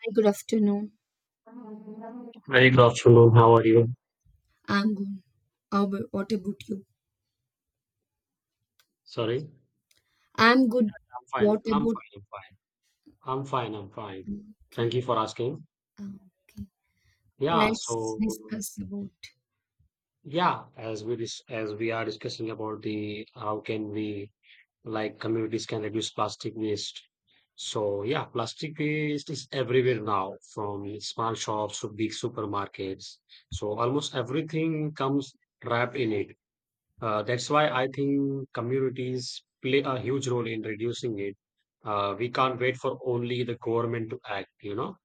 Hi, good afternoon. Very good afternoon. How are you? I'm good. What about you? Sorry, I'm I'm good. fine. What I'm fine. about I'm fine. I'm fine. I'm fine. Thank okay? you for asking. Okay. Yeah. Let's So discuss about. yeah, as we are discussing about the how can we communities can reduce plastic waste. So yeah, plastic waste is everywhere now, from small shops to big supermarkets. So almost everything comes wrapped in it. That's why I think communities play a huge role in reducing it. We can't wait for only the government to act, you know.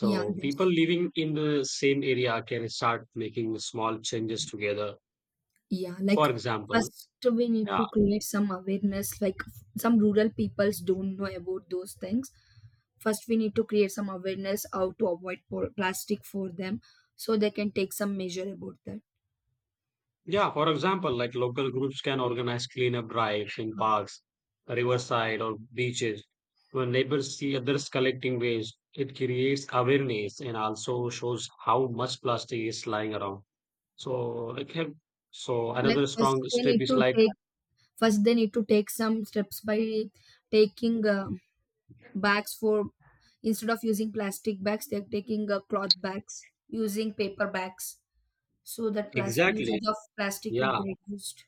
yeah, people that's living in the same area can start making small changes together. yeah. Like For example, first, we need yeah, to create some awareness. Like some rural peoples don't know about those things. First, we need to create some awareness how to avoid po- plastic for them, so they can take some measure about that. Like local groups can organize cleanup drives in Uh, parks, riverside, or beaches. When neighbors see others collecting waste, it creates awareness and also shows how much plastic is lying around. So it have so Like another strong step is like first they need to take some steps by taking bags for, instead of using plastic bags they're taking cloth bags, using paper bags, so that plastic exactly, usage of plastic will yeah. be reduced.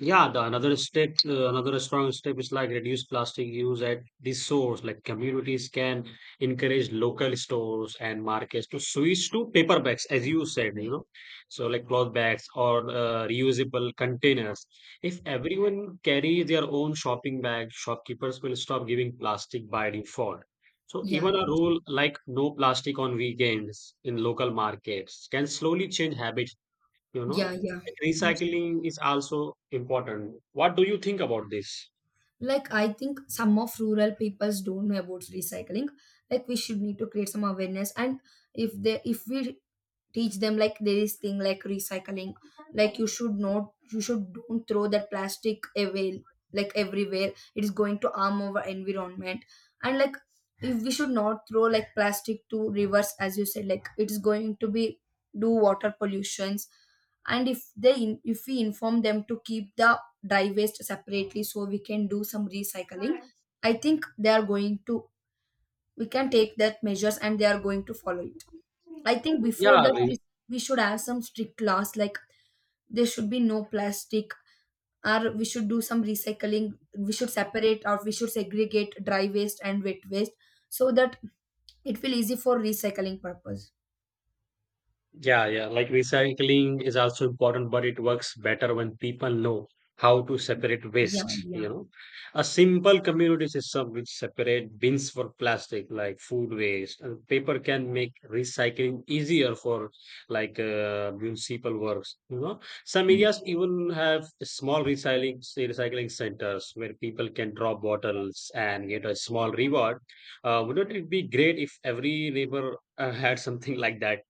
Another strong step is like reduce plastic use at the source. Like communities can encourage local stores and markets to switch to paper bags, as you said, you know, so like cloth bags or reusable containers. If everyone carry their own shopping bag, shopkeepers will stop giving plastic by default. So yeah even a that- rule like no plastic on weekends in local markets can slowly change habits. yeah, yeah. Like Those- recycling is also important. What do you think about this? like I think some of rural peoples don't know about recycling. Like we should need to create some awareness, and if we teach them like there is thing like recycling. Like you should don't throw that plastic away, like everywhere it is going to harm our environment. And like if we should not throw like plastic to rivers, as you said, like it is going to be do water pollutions. And if they in, if we inform them to keep the dry waste separately, so we can do some recycling. I think they are going to we can take that measures and they are going to follow it. I think before Yeah, we should have some strict laws, like there should be no plastic. Or we should do some recycling, we should separate, or we should segregate dry waste and wet waste, so that it will easy for recycling purpose. yeah, yeah. Like recycling is also important, but it works better when people know how to separate Yeah waste, yeah, you know. A simple community system which separate bins for plastic, like food waste, and paper can make recycling easier for like municipal works, you know. Some yeah. areas even have small recycling centers where people can drop bottles and get a small reward. Wouldn't it be great if every neighbor had something like that?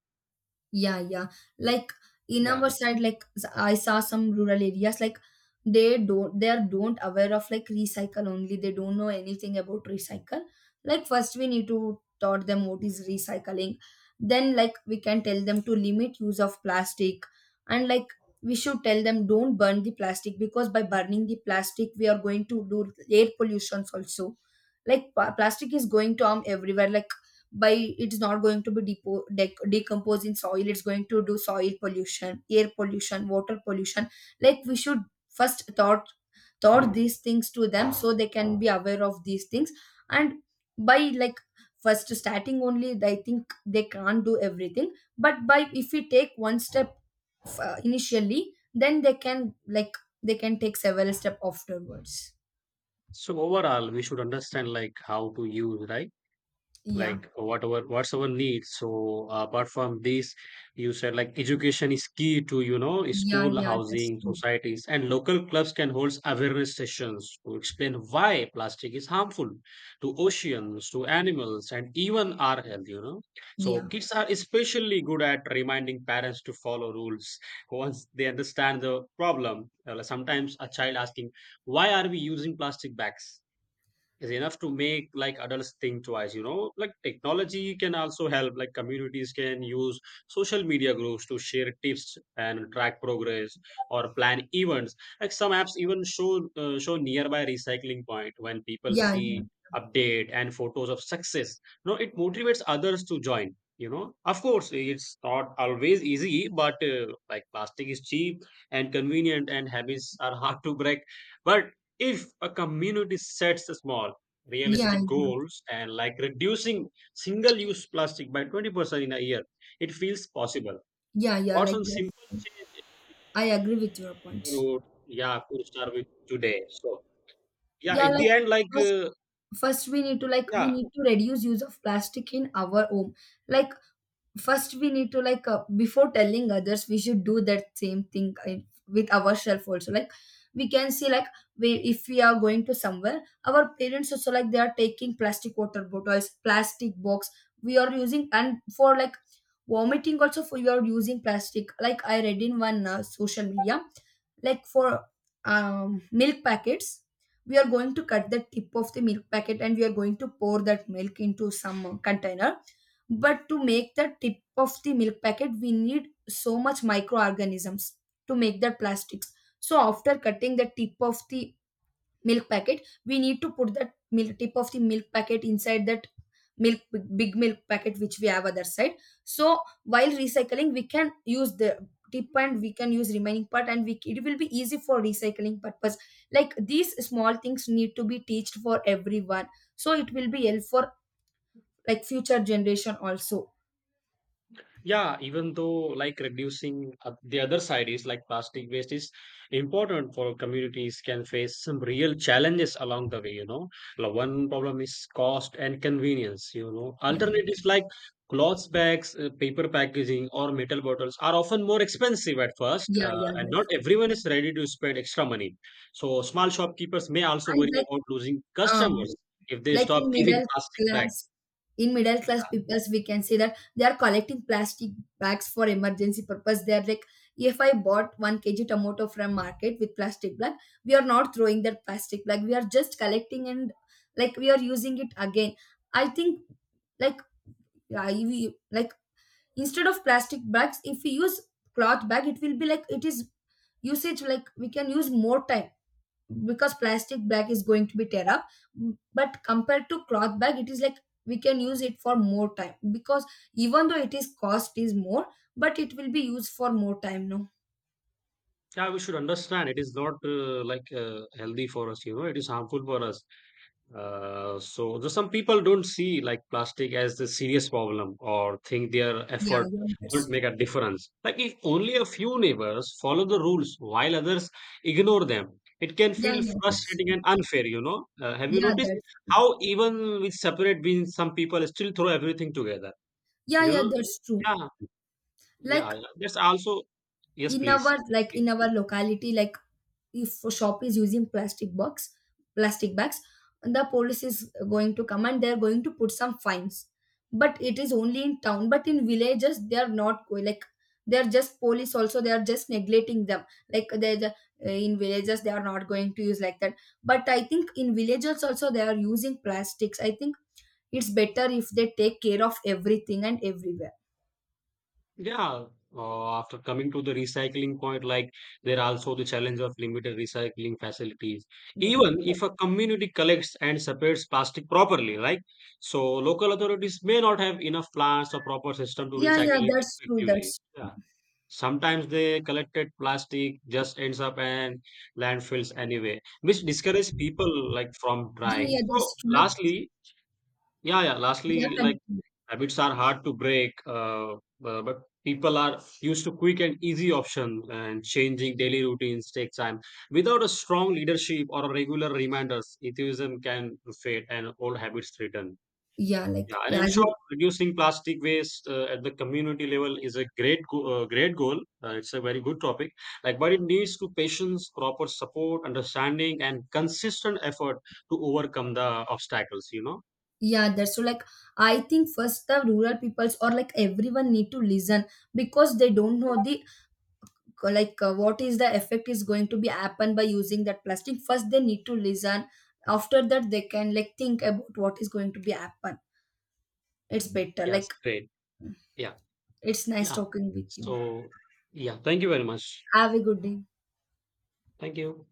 Yeah, yeah. Like in Yeah. our side, like I saw some rural areas, like they are don't aware of like recycle only. They don't know anything about recycle. Like first we need to taught them what is recycling. Then like we can tell them to limit use of plastic, and like we should tell them don't burn the plastic, because by burning the plastic we are going to do air pollutions also. Like plastic is going to harm everywhere. Like by it's not going to be decomposed in soil, it's going to do soil pollution, air pollution, water pollution. Like we should first thought taught these things to them, so they can be aware of these things. And by like first starting only, I think they can't do everything, but by if we take one step initially, then they can like they can take several step afterwards. So overall, we should understand like how to use, right? Yeah, Like whatever, what's our needs. So apart from this, you said like education is key to, you know, yeah, school, yeah, that's housing, true. societies, and local clubs can hold awareness sessions to explain why plastic is harmful to oceans, to animals, and even our health, you know. So Yeah, kids are especially good at reminding parents to follow rules once they understand the problem. Sometimes a child asking, "Why are we using plastic bags?" is enough to make like adults think twice, you know. Like technology can also help. Like communities can use social media groups to share tips and track progress or plan events. Like some apps even show nearby recycling point. When people yeah, yeah, see update and photos of success, you know, it motivates others to join, you know. Of course, it's not always easy, but like plastic is cheap and convenient, and habits are hard to break. But if a community sets a small yeah, realistic yeah. goals and like reducing single use plastic by 20% in a year, it feels possible. Yeah, yeah, What's like some that's simple change I agree with your you points. would, yeah, could start with today? So, yeah, Yeah, at like the end, like, first first we need to like we yeah. need to reduce use of plastic in our home. Like first we need to like before telling others we should do that same thing with ourselves also. Like we can see like we if we are going to somewhere, our parents also like they are taking plastic water bottles, plastic box. We are using and for like vomiting also for you are using plastic. Like I read in one social media, like for milk packets, we are going to cut the tip of the milk packet and we are going to pour that milk into some container, but to make the tip of the milk packet we need so much microorganisms to make the plastics. So after cutting the tip of the milk packet we need to put that milk tip of the milk packet inside that milk big milk packet which we have other side. So while recycling we can use the tip and we can use remaining part, and we it will be easy for recycling purpose. Like these small things need to be teached for everyone, so it will be help for like future generation also. Yeah, even though like reducing the other side is like plastic waste is important for communities can face some real challenges along the way, you know. Like, one problem is cost and convenience, you know. Yeah, Alternatives like cloth bags, paper packaging, or metal bottles are often more expensive at first, yeah, yeah, and not yes. everyone is ready to spend extra money. So small shopkeepers may also And worry about losing um customers if they like stop giving plastic bags. class in middle class peoples we can say that they are collecting plastic bags for emergency purpose. They are like, if I bought 1 kg tomato from market with plastic bag, we are not throwing that plastic bag, we are just collecting, and like we are using it again. I think like we like instead of plastic bags, if we use cloth bag, it will be like it is usage, like we can use more time, because plastic bag is going to be tear up, but compared to cloth bag it is like we can use it for more time, because even though it is cost is more, but it will be used for more time, no. Yeah, we should understand it is not healthy for us, you know, it is harmful for us. Some people don't see like plastic as the serious problem or think their Yeah, effort yeah, won't that's make true. a difference. Like, if only a few neighbors follow the rules while others ignore them, it can Yeah, feel yeah, that's frustrating true. and unfair, you know. Have you Yeah, noticed that's true. how, even with separate bins, some people still throw everything together? Yeah, You yeah, know, that's true. yeah, yeah, Like yeah. That's also, yes, in please. our like in our locality, like if a shop is using plastic box, plastic bags, the police is going to come and they are going to put some fines. But it is only in town, but in villages they are not going, like they are just police also they are just neglecting them. Like in villages they are not going to use like that. But I think in villages also they are using plastics. I think it's better if they take care of everything and everywhere. Yeah, after coming to the recycling point, like there are also the challenge of limited recycling facilities. Yeah, Even if a community collects and separates plastic properly, right? So local authorities may not have enough plants or proper system to yeah, yeah, yeah, recycle it that's true, effectively. that's. Yeah. Sometimes the collected plastic just ends up in landfills anyway, which discourages people like from Yeah, trying. yeah, that's So true. Like, lastly, yeah, yeah, like continue. habits are hard to break, but people are used to quick and easy options, and changing daily routines takes time. Without a strong leadership or regular reminders, atheism can fade and old habits return. Yeah, like, Yeah, and yeah, in as you. short, reducing plastic waste at the community level is a great goal. It's a very good topic. Like, but it needs to patience, proper support, understanding, and consistent effort to overcome the obstacles, you know. Yeah, that's so like, I think first the rural peoples or like everyone need to listen, because they don't know the like what is the effect is going to be happen by using that plastic. First they need to listen. After that they can like think about what is going to be happen. It's better. Yes, Like, great. Yeah. it's nice Yeah. talking with you. So, yeah, thank you very much. Have a good day. Thank you.